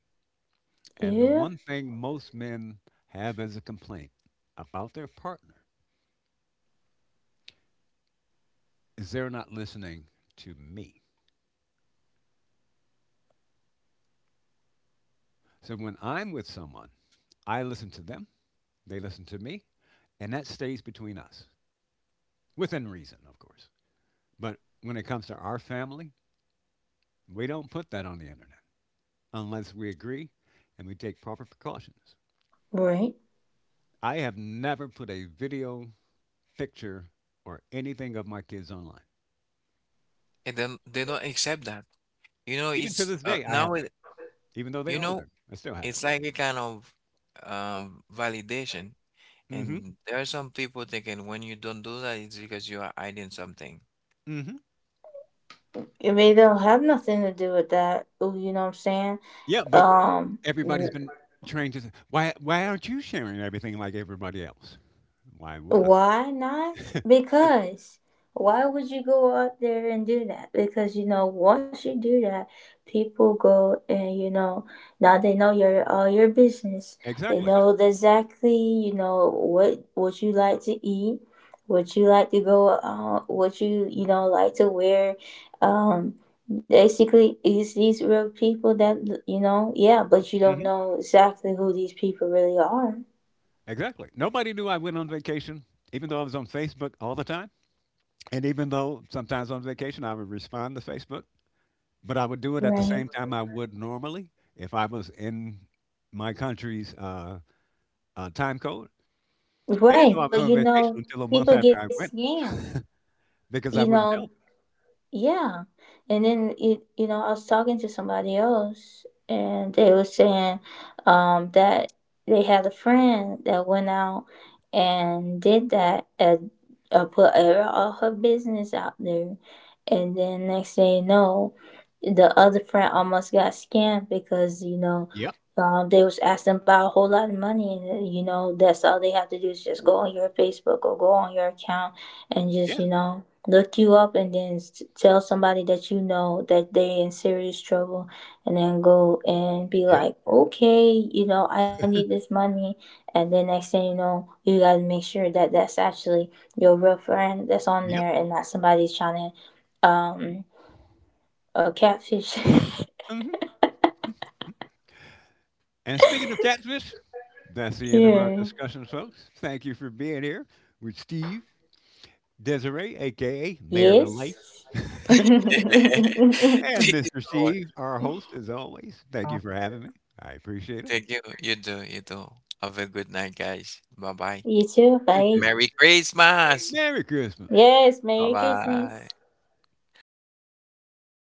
Speaker 2: And the one thing most men have as a complaint about their partner is they're not listening to me. So when I'm with someone, I listen to them, they listen to me, and that stays between us within reason, of course. But when it comes to our family, we don't put that on the internet unless we agree and we take proper precautions. I have never put a video, picture, or anything of my kids online.
Speaker 1: And then they don't accept that. You know,
Speaker 2: Even to
Speaker 1: it's
Speaker 2: this day, I
Speaker 1: now
Speaker 2: haven't.
Speaker 1: it,
Speaker 2: Even though
Speaker 1: you
Speaker 2: they're
Speaker 1: know,
Speaker 2: older, I still haven't.
Speaker 1: it's like a kind of validation.
Speaker 2: Mm-hmm.
Speaker 1: And there are some people thinking when you don't do that, it's because you are hiding something.
Speaker 2: Mm-hmm. Yeah, but everybody's been trained to say, why aren't you sharing everything like everybody else? Why would I? Exactly. Mm-hmm. Exactly. Nobody knew I went on vacation, even though I was on Facebook all the time. And even though sometimes on vacation I would respond to Facebook, but I would do it at the same time I would normally if I was in my country's time code. They didn't know I was on vacation until a month after I went because I wouldn't tell them. Yep, yeah, yep, yep. Hmm. And speaking of catfish, that's the end of our discussion, folks. Thank you for being here with Steve, Desiree, aka Marilyn Lake, and
Speaker 1: You
Speaker 2: Mr.
Speaker 1: know what?
Speaker 2: Steve, our host, as always. Thank you for having me. I appreciate it.
Speaker 1: Thank you. You do. You do. Have a good night, guys. Bye bye.
Speaker 2: You too.
Speaker 1: Merry Christmas.
Speaker 2: Merry Christmas.
Speaker 1: Bye bye.